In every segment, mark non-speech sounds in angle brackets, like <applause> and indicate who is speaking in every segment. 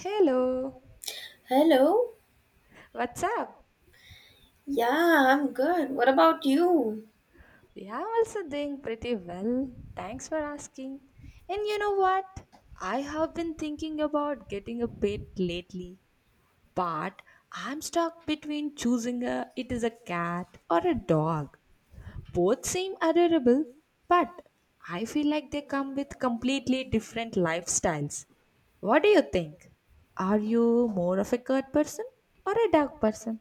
Speaker 1: Hello,
Speaker 2: Hello.
Speaker 1: what's up?
Speaker 2: Yeah, I'm good. What about you?
Speaker 1: We are also doing pretty well. Thanks for asking. And you know what? I have been thinking about getting a pet lately, but I'm stuck between choosing a it is a cat or a dog. Both seem adorable, but I feel like they come with completely different lifestyles. What do you think? Are you more of a cat person or a dog person?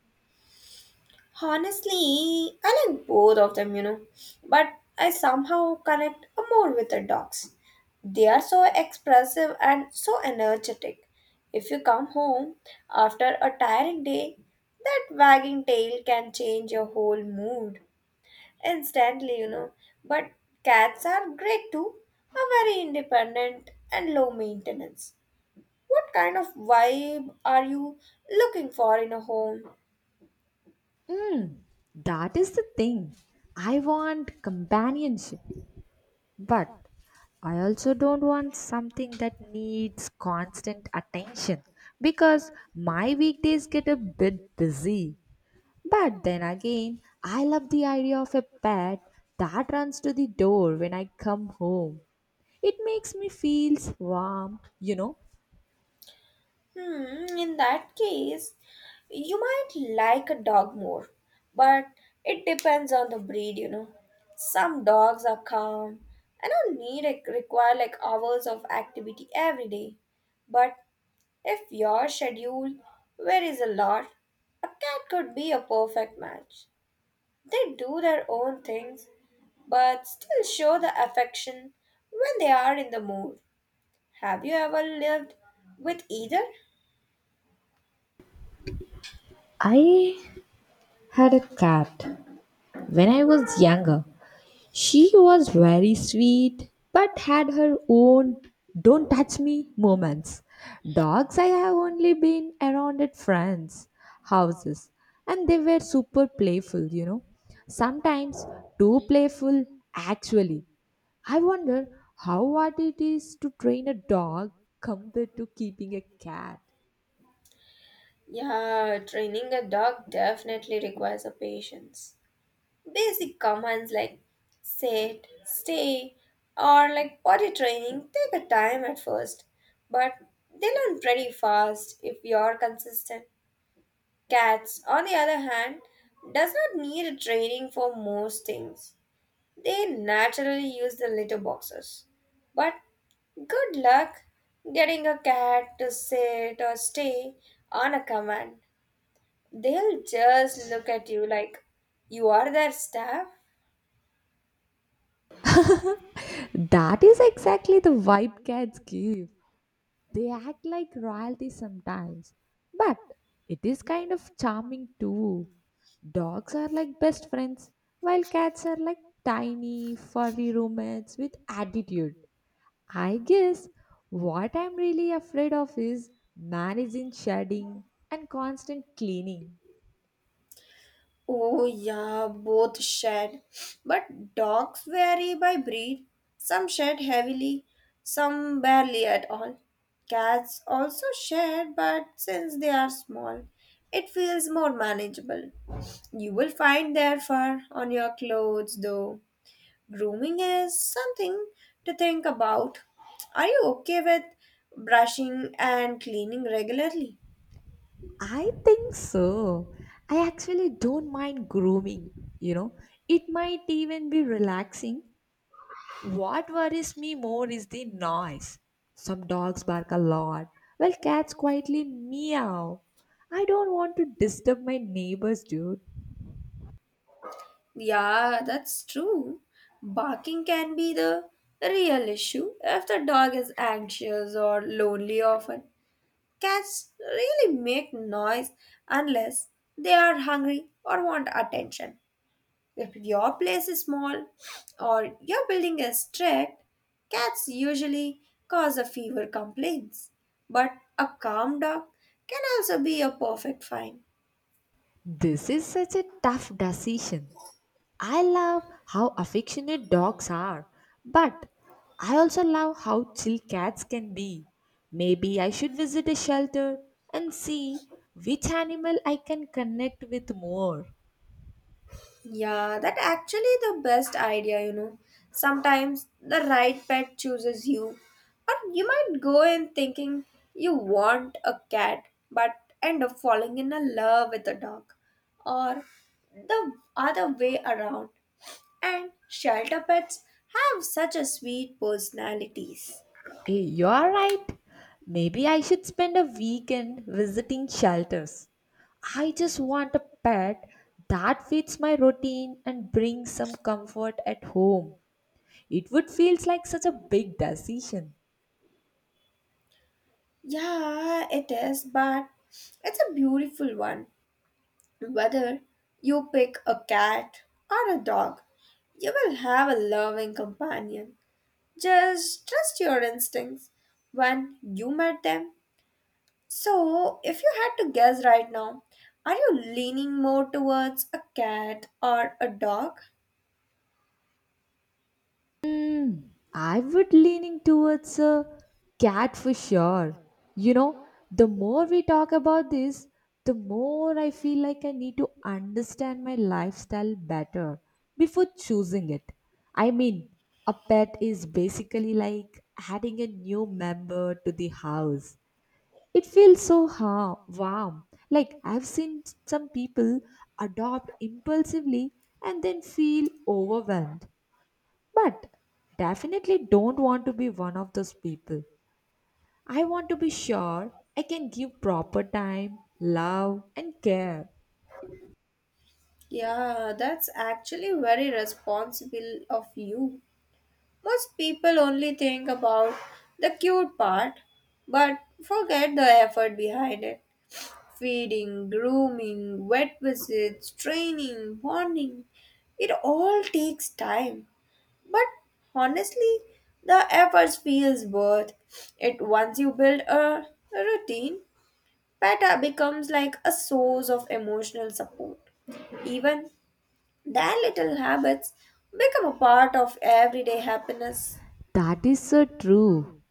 Speaker 2: Honestly, I like both of them, But I somehow connect more with the dogs. They are so expressive and so energetic. If you come home after a tiring day, that wagging tail can change your whole mood instantly. But cats are great too, are very independent and low maintenance. What kind of vibe are you looking for in a home?
Speaker 1: Mm, that is the thing. I want companionship, but I also don't want something that needs constant attention because my weekdays get a bit busy. But then again, I love the idea of a pet that runs to the door when I come home. It makes me feel warm.
Speaker 2: Hmm, in that case, you might like a dog more, but it depends on the breed. Some dogs are calm and don't need require like hours of activity every day. But if your schedule varies a lot, a cat could be a perfect match. They do their own things, but still show the affection when they are in the mood. Have you ever lived with either?
Speaker 1: I had a cat when I was younger. She was very sweet, but had her own don't touch me moments. Dogs, I have only been around at friends' houses, and they were super playful. Sometimes too playful, actually. I wonder how hard it is to train a dog compared to keeping a cat.
Speaker 2: Yeah, training a dog definitely requires a patience. Basic commands like sit, stay, or like potty training take a time at first, but they learn pretty fast if you're consistent. Cats, on the other hand, does not need a training for most things. They naturally use the litter boxes. But good luck getting a cat to sit or stay on a command. They'll just look at you like you are their staff.
Speaker 1: That is exactly the vibe cats give. They act like royalty sometimes, but it is kind of charming too. Dogs are like best friends, while cats are like tiny, furry roommates with attitude. I guess what I'm really afraid of is managing shedding and constant cleaning.
Speaker 2: Oh, yeah, both shed. But dogs vary by breed. Some shed heavily, some barely at all. Cats also shed, but since they are small, it feels more manageable. You will find their fur on your clothes, though. Grooming is something to think about. Are you okay with brushing and cleaning regularly?
Speaker 1: I think so. I actually don't mind grooming, you know, it might even be relaxing. What worries me more is the noise. Some dogs bark a lot, while cats quietly meow. I don't want to disturb my neighbors, dude.
Speaker 2: Yeah, that's true. Barking can be the real issue if the dog is anxious or lonely often. Cats really make noise unless they are hungry or want attention. If your place is small or your building is strict, cats usually cause a fever complaints. But a calm dog can also be a perfect find.
Speaker 1: This is such a tough decision. I love how affectionate dogs are, but I also love how chill cats can be. Maybe I should visit a shelter and see which animal I can connect with more.
Speaker 2: Yeah, that actually the best idea. Sometimes the right pet chooses you. Or you might go in thinking you want a cat but end up falling in love with a dog. Or the other way around. And shelter pets have such a sweet personalities.
Speaker 1: Hey, you're right. Maybe I should spend a weekend visiting shelters. I just want a pet that fits my routine and brings some comfort at home. It would feel like such a big decision.
Speaker 2: Yeah, it is, but it's a beautiful one. Whether you pick a cat or a dog, you will have a loving companion. Just trust your instincts when you met them. So, if you had to guess right now, are you leaning more towards a cat or a dog?
Speaker 1: Hmm, I would leaning towards a cat for sure. You know, the more we talk about this, the more I feel like I need to understand my lifestyle better before choosing it. I mean, a pet is basically like adding a new member to the house. It feels so warm. Like I've seen some people adopt impulsively and then feel overwhelmed but definitely don't want to be one of those people. I want to be sure I can give proper time, love, and care.
Speaker 2: Yeah, that's actually very responsible of you. Most people only think about the cute part but forget the effort behind it. Feeding, grooming, vet visits, training, bonding, it all takes time. But honestly, the effort feels worth it once you build a routine. Peta becomes like a source of emotional support. Even their little habits become a part of everyday happiness.
Speaker 1: That is so true.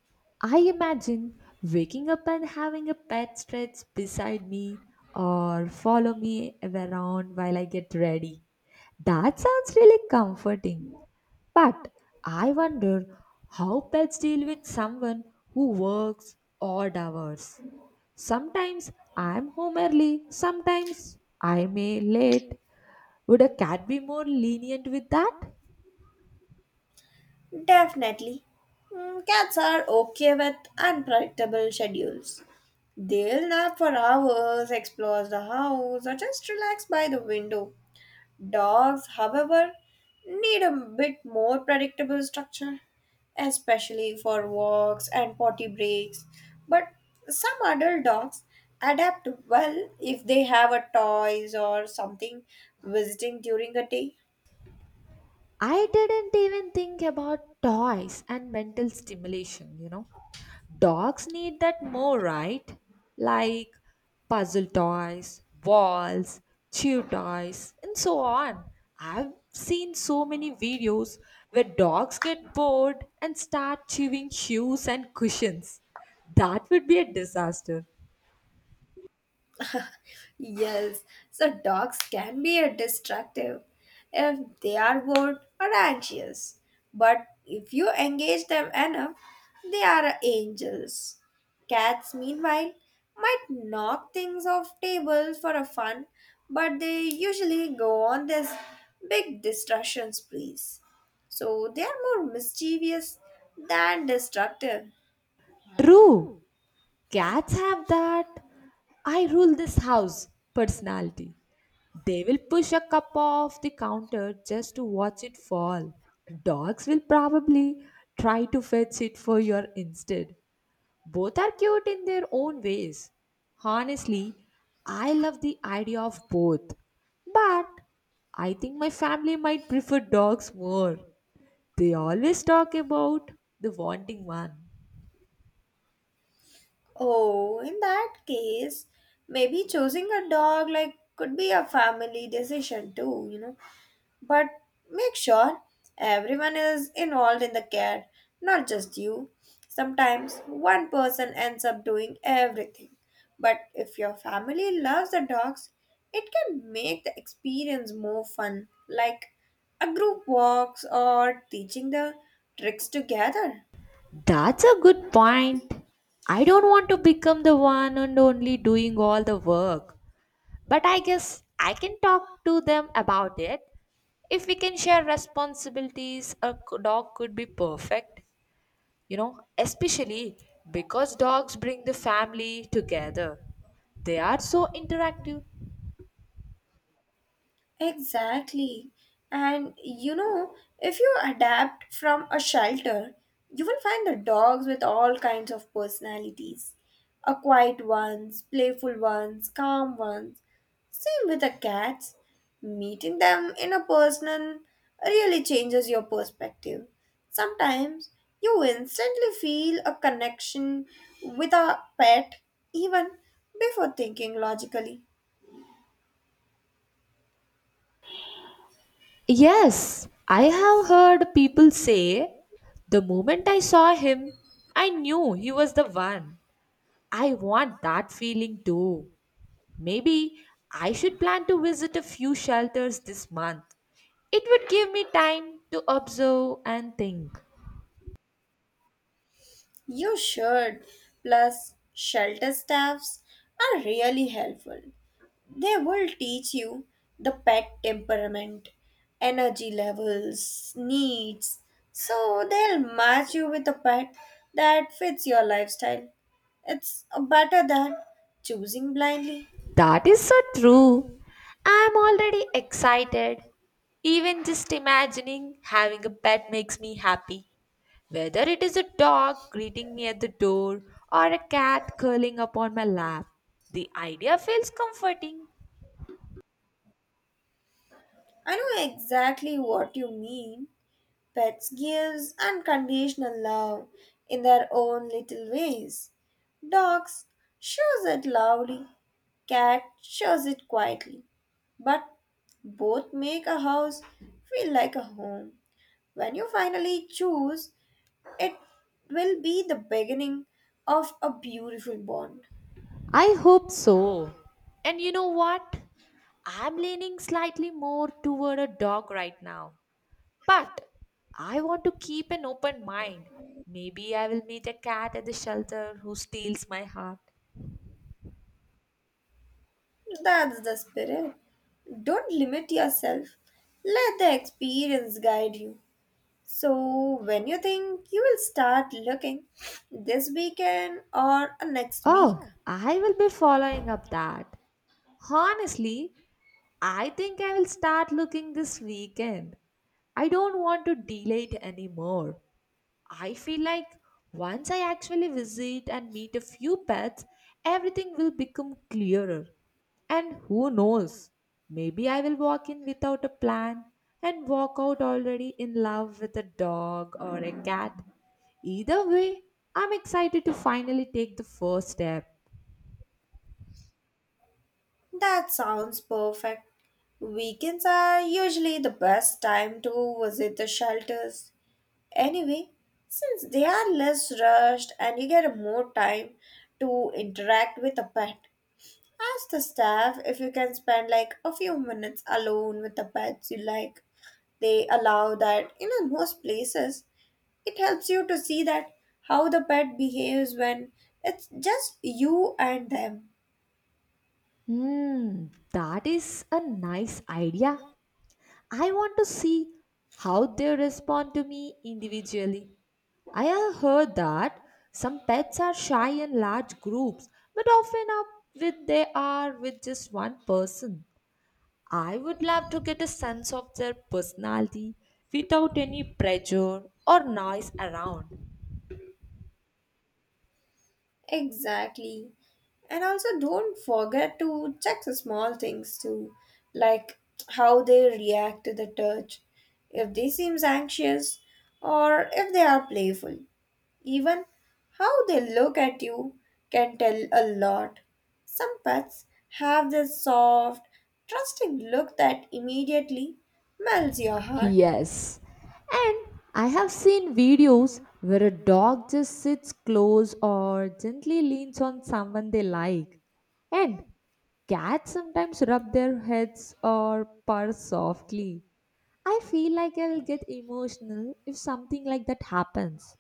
Speaker 1: I imagine waking up and having a pet stretch beside me or follow me around while I get ready. That sounds really comforting. But I wonder how pets deal with someone who works odd hours. Sometimes I am home early, sometimes I may late. Would a cat be more lenient with that?
Speaker 2: Definitely. Cats are okay with unpredictable schedules. They'll nap for hours, explore the house, or just relax by the window. Dogs, however, need a bit more predictable structure, especially for walks and potty breaks. But some adult dogs adapt well if they have a toys or something visiting during the day.
Speaker 1: I didn't even think about toys and mental stimulation, you know. Dogs need that more, right? Like puzzle toys, balls, chew toys, and so on. I've seen so many videos where dogs get bored and start chewing shoes and cushions. That would be a disaster.
Speaker 2: Yes, so dogs can be a destructive if they are bored or anxious. But if you engage them enough, they are angels. Cats, meanwhile, might knock things off tables for a fun, but they usually go on this big destruction sprees. So they are more mischievous than destructive.
Speaker 1: True, cats have that I rule this house personality. They will push a cup off the counter just to watch it fall. Dogs will probably try to fetch it for your instead. Both are cute in their own ways. Honestly, I love the idea of both. But I think my family might prefer dogs more. They always talk about the wanting one.
Speaker 2: Oh, in that case, maybe choosing a dog like could be a family decision too. But make sure everyone is involved in the care, not just you. Sometimes one person ends up doing everything. But if your family loves the dogs, it can make the experience more fun, like a group walks or teaching the tricks together.
Speaker 1: That's a good point. I don't want to become the one and only doing all the work. But I guess I can talk to them about it. If we can share responsibilities, a dog could be perfect, you know, especially because dogs bring the family together. They are so interactive.
Speaker 2: Exactly. And you know, if you adapt from a shelter, you will find the dogs with all kinds of personalities. A quiet ones, playful ones, calm ones. Same with the cats. Meeting them in a person really changes your perspective. Sometimes you instantly feel a connection with a pet even before thinking logically.
Speaker 1: Yes, I have heard people say the moment I saw him, I knew he was the one. I want that feeling too. Maybe I should plan to visit a few shelters this month. It would give me time to observe and think.
Speaker 2: You should. Plus, shelter staffs are really helpful. They will teach you the pet temperament, energy levels, needs. So they'll match you with a pet that fits your lifestyle. It's better than choosing blindly.
Speaker 1: That is so true. I'm already excited. Even just imagining having a pet makes me happy. Whether it is a dog greeting me at the door or a cat curling up on my lap, the idea feels comforting.
Speaker 2: I know exactly what you mean. Pets gives unconditional love in their own little ways. Dogs shows it loudly, cat shows it quietly. But both make a house feel like a home. When you finally choose, it will be the beginning of a beautiful bond.
Speaker 1: I hope so. And you know what? I'm leaning slightly more toward a dog right now, but I want to keep an open mind. Maybe I will meet a cat at the shelter who steals my heart.
Speaker 2: That's the spirit. Don't limit yourself. Let the experience guide you. So, when you think you will start looking this weekend or next week,
Speaker 1: Oh, I will be following up that. Honestly, I think I will start looking this weekend. I don't want to delay it anymore. I feel like once I actually visit and meet a few pets, everything will become clearer. And who knows, maybe I will walk in without a plan and walk out already in love with a dog or a cat. Either way, I'm excited to finally take the first step.
Speaker 2: that sounds perfect. Weekends are usually the best time to visit the shelters. Anyway, since they are less rushed and you get more time to interact with a pet, ask the staff if you can spend like a few minutes alone with the pets you like they allow that in most places It helps you to see that how the pet behaves when it's just you and them.
Speaker 1: Hmm, that is a nice idea. I want to see how they respond to me individually. I have heard that some pets are shy in large groups, but often are with they are with just one person. I would love to get a sense of their personality without any pressure or noise around.
Speaker 2: Exactly. And also don't forget to check the small things too, like how they react to the touch, if they seems anxious or if they are playful. Even how they look at you can tell a lot. Some pets have this soft, trusting look that immediately melts your heart.
Speaker 1: Yes. And I have seen videos where a dog just sits close or gently leans on someone they like. And cats sometimes rub their heads or purr softly. I feel like I'll get emotional if something like that happens.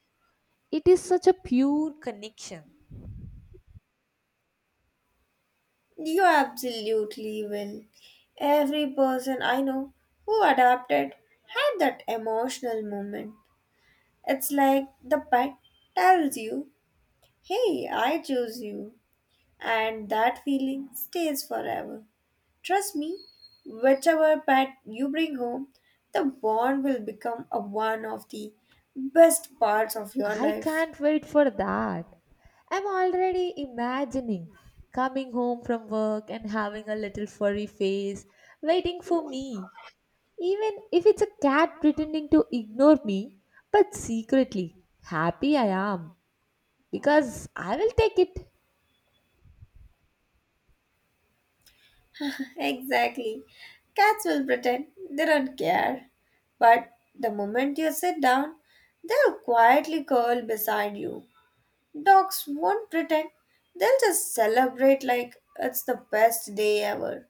Speaker 1: It is such a pure connection.
Speaker 2: You absolutely will. Every person I know who adapted had that emotional moment. It's like the pet tells you, Hey, I choose you. And that feeling stays forever. Trust me, whichever pet you bring home, the bond will become a one of the best parts of your
Speaker 1: I
Speaker 2: life.
Speaker 1: can't wait for that. I'm already imagining coming home from work and having a little furry face waiting for me. Even if it's a cat pretending to ignore me, but secretly happy I am because I will take it.
Speaker 2: Exactly. Cats will pretend they don't care. But the moment you sit down, they'll quietly curl beside you. Dogs won't pretend, they'll just celebrate like it's the best day ever.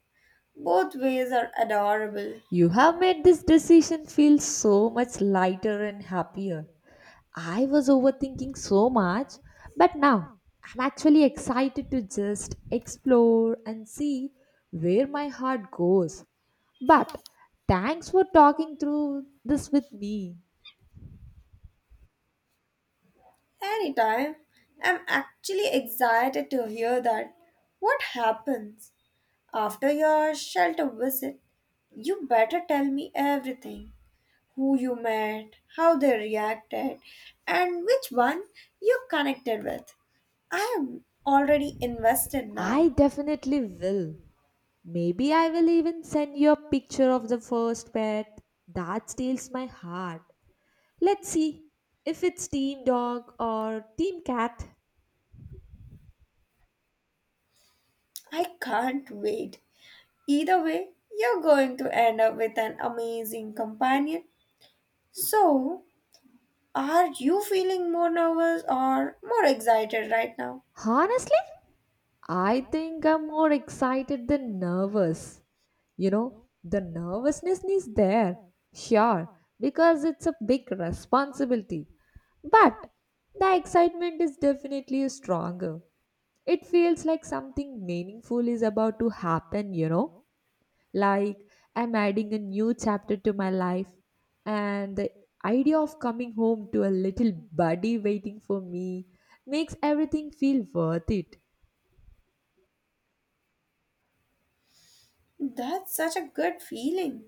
Speaker 2: Both ways are adorable.
Speaker 1: You have made this decision feel so much lighter and happier. I was overthinking so much, but now I'm actually excited to just explore and see where my heart goes. But thanks for talking through this with me.
Speaker 2: Anytime. I'm actually excited to hear that. What happens after your shelter visit? You better tell me everything. Who you met, how they reacted, and which one you connected with. I am already invested
Speaker 1: I
Speaker 2: now.
Speaker 1: definitely will. Maybe I will even send you a picture of the first pet that steals my heart. Let's see if it's team dog or team cat.
Speaker 2: I can't wait. Either way, you're going to end up with an amazing companion. So, are you feeling more nervous or more excited right now?
Speaker 1: Honestly, I think I'm more excited than nervous. You know, the nervousness is there, sure, because it's a big responsibility. But the excitement is definitely stronger. It feels like something meaningful is about to happen, you know? Like I'm adding a new chapter to my life, and the idea of coming home to a little buddy waiting for me makes everything feel worth it.
Speaker 2: That's such a good feeling.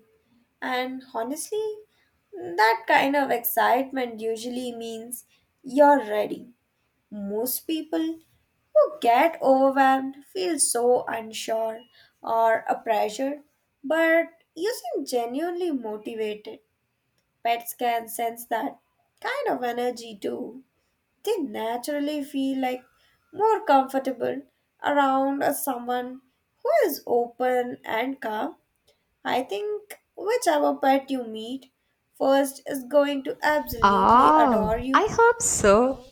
Speaker 2: And honestly, that kind of excitement usually means you're ready. Most people who get overwhelmed feel so unsure or a pressure, but you seem genuinely motivated. Pets can sense that kind of energy too. They naturally feel like more comfortable around a someone who is open and calm. I think whichever pet you meet first is going to absolutely adore
Speaker 1: Oh, I
Speaker 2: you.
Speaker 1: hope so.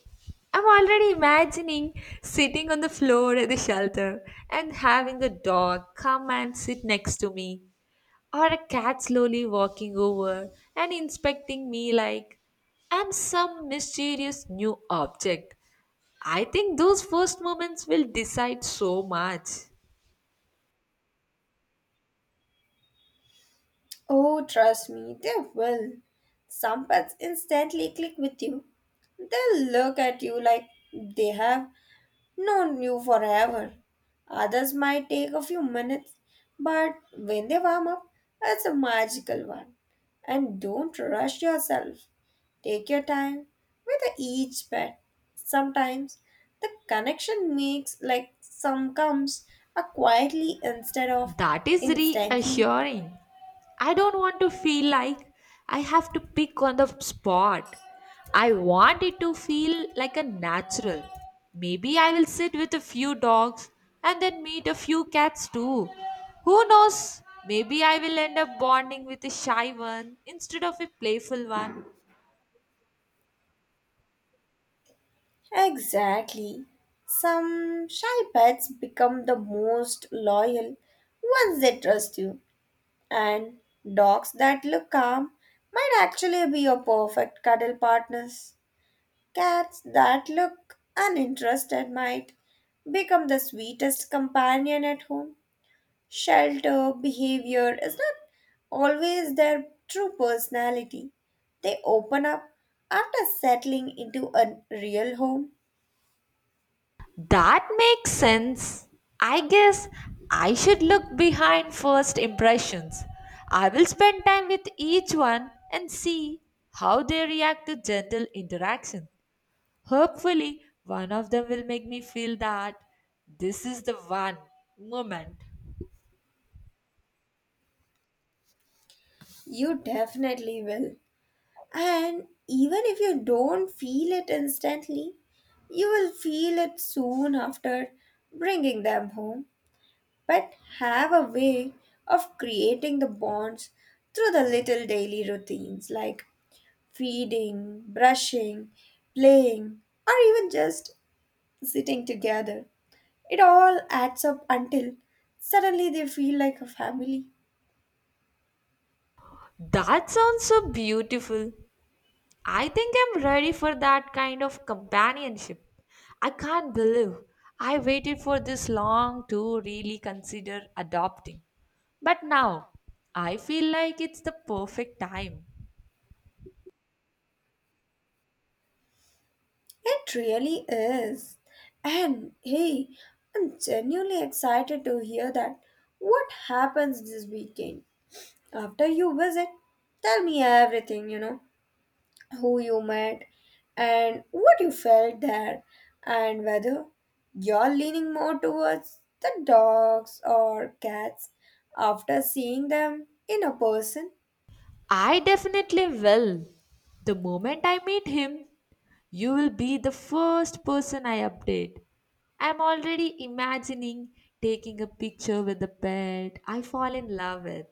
Speaker 1: I'm already imagining sitting on the floor at the shelter and having a dog come and sit next to me, or a cat slowly walking over and inspecting me like I'm some mysterious new object. I think those first moments will decide so much.
Speaker 2: Oh, trust me, they will. Some pets instantly click with you. They'll look at you like they have known you forever. Others might take a few minutes, but when they warm up, it's a magical one. And don't rush yourself. Take your time with each pet. Sometimes the connection makes like some comes a quietly instead of
Speaker 1: That is
Speaker 2: instantly.
Speaker 1: reassuring. I don't want to feel like I have to pick on the spot. I want it to feel like a natural. Maybe I will sit with a few dogs and then meet a few cats too. Who knows? Maybe I will end up bonding with a shy one instead of a playful one.
Speaker 2: Exactly. Some shy pets become the most loyal once they trust you, and dogs that look calm might actually be your perfect cuddle partners. Cats that look uninterested might become the sweetest companion at home. Shelter behavior is not always their true personality. They open up after settling into a real home.
Speaker 1: That makes sense. I guess I should look behind first impressions. I will spend time with each one and see how they react to gentle interaction. Hopefully, one of them will make me feel that this is the one moment.
Speaker 2: You definitely will. And even if you don't feel it instantly, you will feel it soon after bringing them home. But have a way of creating the bonds through the little daily routines like feeding, brushing, playing, or even just sitting together. It all adds up until suddenly they feel like a family.
Speaker 1: That sounds so beautiful. I think I'm ready for that kind of companionship. I can't believe I waited for this long to really consider adopting. But now, I feel like it's the perfect time.
Speaker 2: It really is. And hey, I'm genuinely excited to hear that. What happens this weekend? After you visit, tell me everything, who you met and what you felt there and whether you're leaning more towards the dogs or cats after seeing them in a person.
Speaker 1: I definitely will. The moment I meet him, you will be the first person I update. I'm already imagining taking a picture with the pet I fall in love with.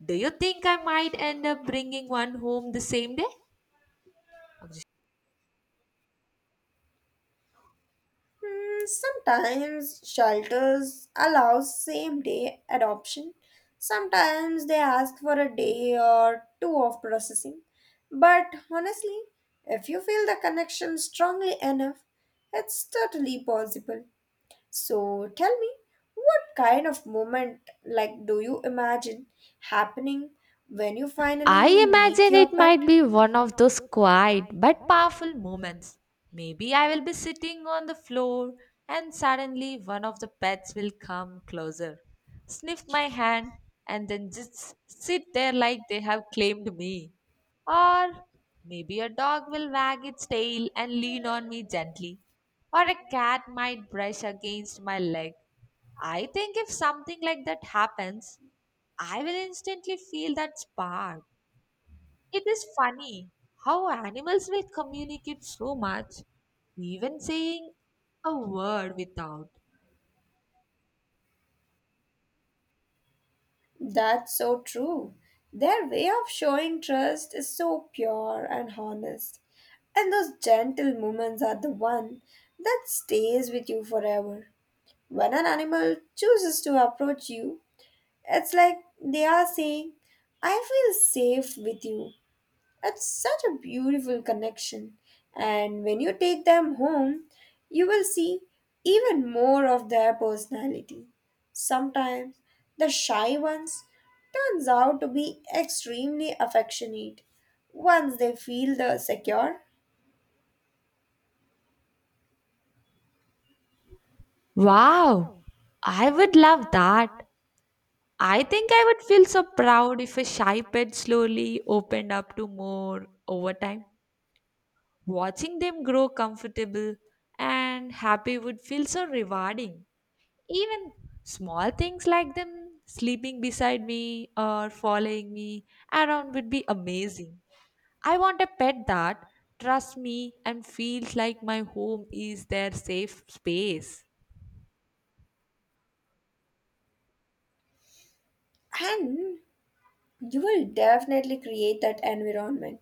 Speaker 1: Do you think I might end up bringing one home the same day?
Speaker 2: Sometimes shelters allow same day adoption. Sometimes they ask for a day or two of processing. But honestly, if you feel the connection strongly enough, it's totally possible. So tell me, what kind of moment like do you imagine happening when you
Speaker 1: I
Speaker 2: finally meet
Speaker 1: imagine
Speaker 2: your
Speaker 1: it
Speaker 2: pet?
Speaker 1: might be one of those quiet but powerful moments. Maybe I will be sitting on the floor and suddenly one of the pets will come closer, sniff my hand, and then just sit there like they have claimed me. Or maybe a dog will wag its tail and lean on me gently. Or a cat might brush against my leg. I think if something like that happens, I will instantly feel that spark. It is funny how animals will communicate so much, even saying a word without.
Speaker 2: That's so true. Their way of showing trust is so pure and honest. And those gentle moments are the one that stays with you forever. When an animal chooses to approach you, it's like they are saying, I feel safe with you. It's such a beautiful connection. And when you take them home, you will see even more of their personality. Sometimes the shy ones turns out to be extremely affectionate once they feel the secure
Speaker 1: Wow, I would love that. I think I would feel so proud if a shy pet slowly opened up to more over time. Watching them grow comfortable and happy would feel so rewarding. Even small things like them sleeping beside me or following me around would be amazing. I want a pet that trusts me and feels like my home is their safe space.
Speaker 2: and you will definitely create that environment.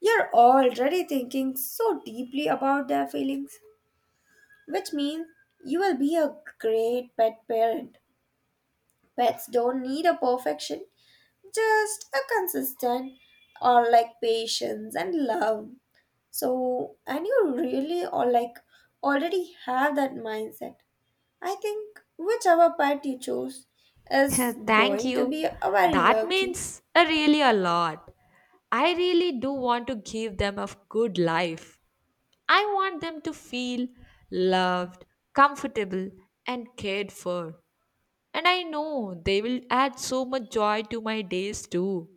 Speaker 2: You're already thinking so deeply about their feelings, which means you will be a great pet parent. Pets don't need a perfection, just a consistent or like patience and love. So, and you really or like already have that mindset. I think whichever pet you choose is
Speaker 1: <laughs> Thank
Speaker 2: going to be
Speaker 1: you.
Speaker 2: a very
Speaker 1: That
Speaker 2: lucky.
Speaker 1: means a really a lot. I really do want to give them a good life. I want them to feel loved, comfortable, and cared for. And I know they will add so much joy to my days too.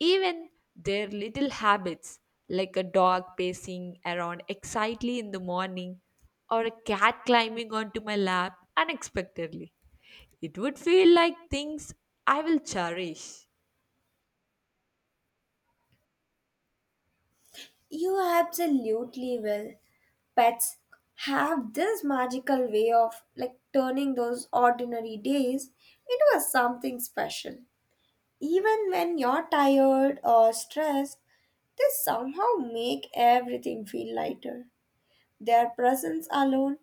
Speaker 1: Even their little habits, like a dog pacing around excitedly in the morning or a cat climbing onto my lap unexpectedly, it would feel like things I will cherish.
Speaker 2: You absolutely will. Pets have this magical way of like turning those ordinary days into a something special. Even when you're tired or stressed, they somehow make everything feel lighter. Their presence alone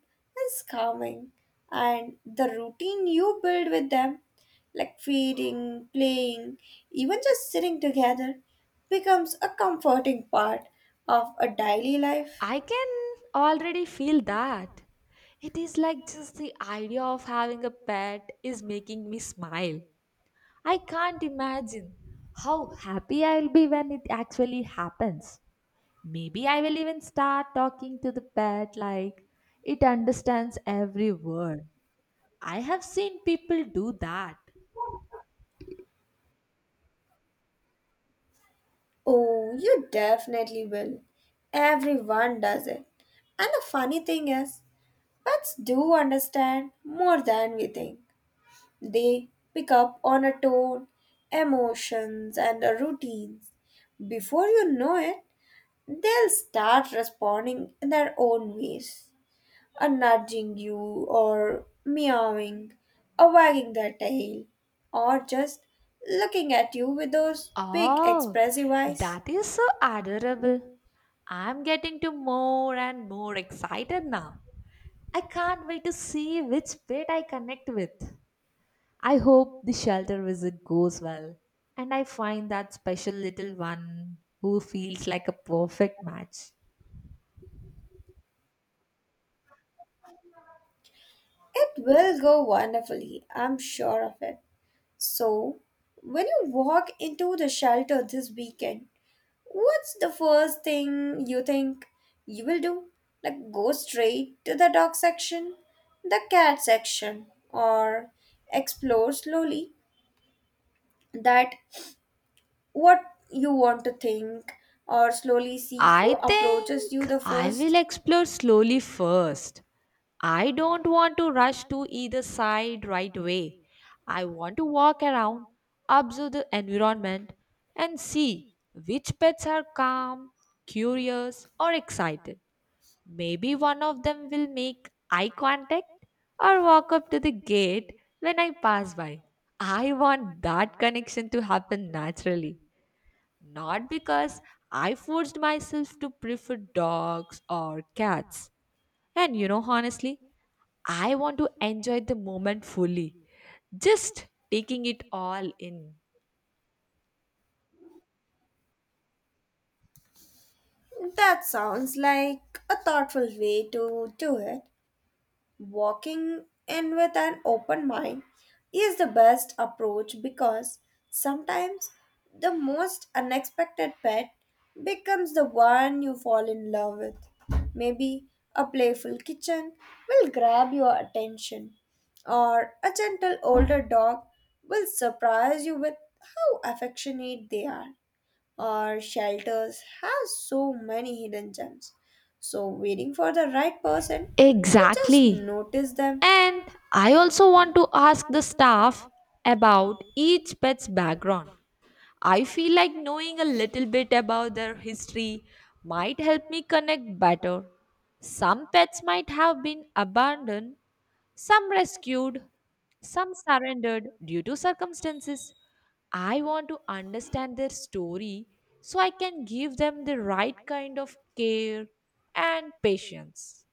Speaker 2: is calming, and the routine you build with them, like feeding, playing, even just sitting together, becomes a comforting part of a daily life.
Speaker 1: I can already feel that. It is like just the idea of having a pet is making me smile. I can't imagine how happy I'll be when it actually happens. Maybe I will even start talking to the pet like it understands every word. I have seen people do that.
Speaker 2: Oh, you definitely will. Everyone does it. And the funny thing is, pets do understand more than we think. They pick up on a tone, emotions, and a routines. Before you know it, they'll start responding in their own ways. A nudging you, or meowing, or wagging their tail, or just looking at you with those big
Speaker 1: Oh,
Speaker 2: expressive eyes.
Speaker 1: that is so adorable. I'm getting to more and more excited now. I can't wait to see which pet I connect with. I hope the shelter visit goes well and I find that special little one who feels like a perfect match.
Speaker 2: It will go wonderfully, I'm sure of it. So, when you walk into the shelter this weekend, what's the first thing you think you will do? Like, go straight to the dog section, the cat section, or explore slowly that what you want to think, or slowly see
Speaker 1: I
Speaker 2: who approaches you
Speaker 1: think
Speaker 2: the
Speaker 1: I will
Speaker 2: first?
Speaker 1: explore slowly first. I don't want to rush to either side right away. I want to walk around, observe the environment, and see which pets are calm, curious, or excited. Maybe one of them will make eye contact or walk up to the gate when I pass by. I want that connection to happen naturally. Not because I forced myself to prefer dogs or cats. And you know, honestly, I want to enjoy the moment fully, just taking it all in.
Speaker 2: That sounds like a thoughtful way to do it. Walking in with an open mind is the best approach because sometimes the most unexpected pet becomes the one you fall in love with. Maybe a playful kitten will grab your attention, or a gentle older dog will surprise you with how affectionate they are or shelters has so many hidden gems. So, waiting for the right person to just
Speaker 1: Exactly.
Speaker 2: notice them.
Speaker 1: And I also want to ask the staff about each pet's background. I feel like knowing a little bit about their history might help me connect better. Some pets might have been abandoned, some rescued, some surrendered due to circumstances. I want to understand their story so I can give them the right kind of care and patience.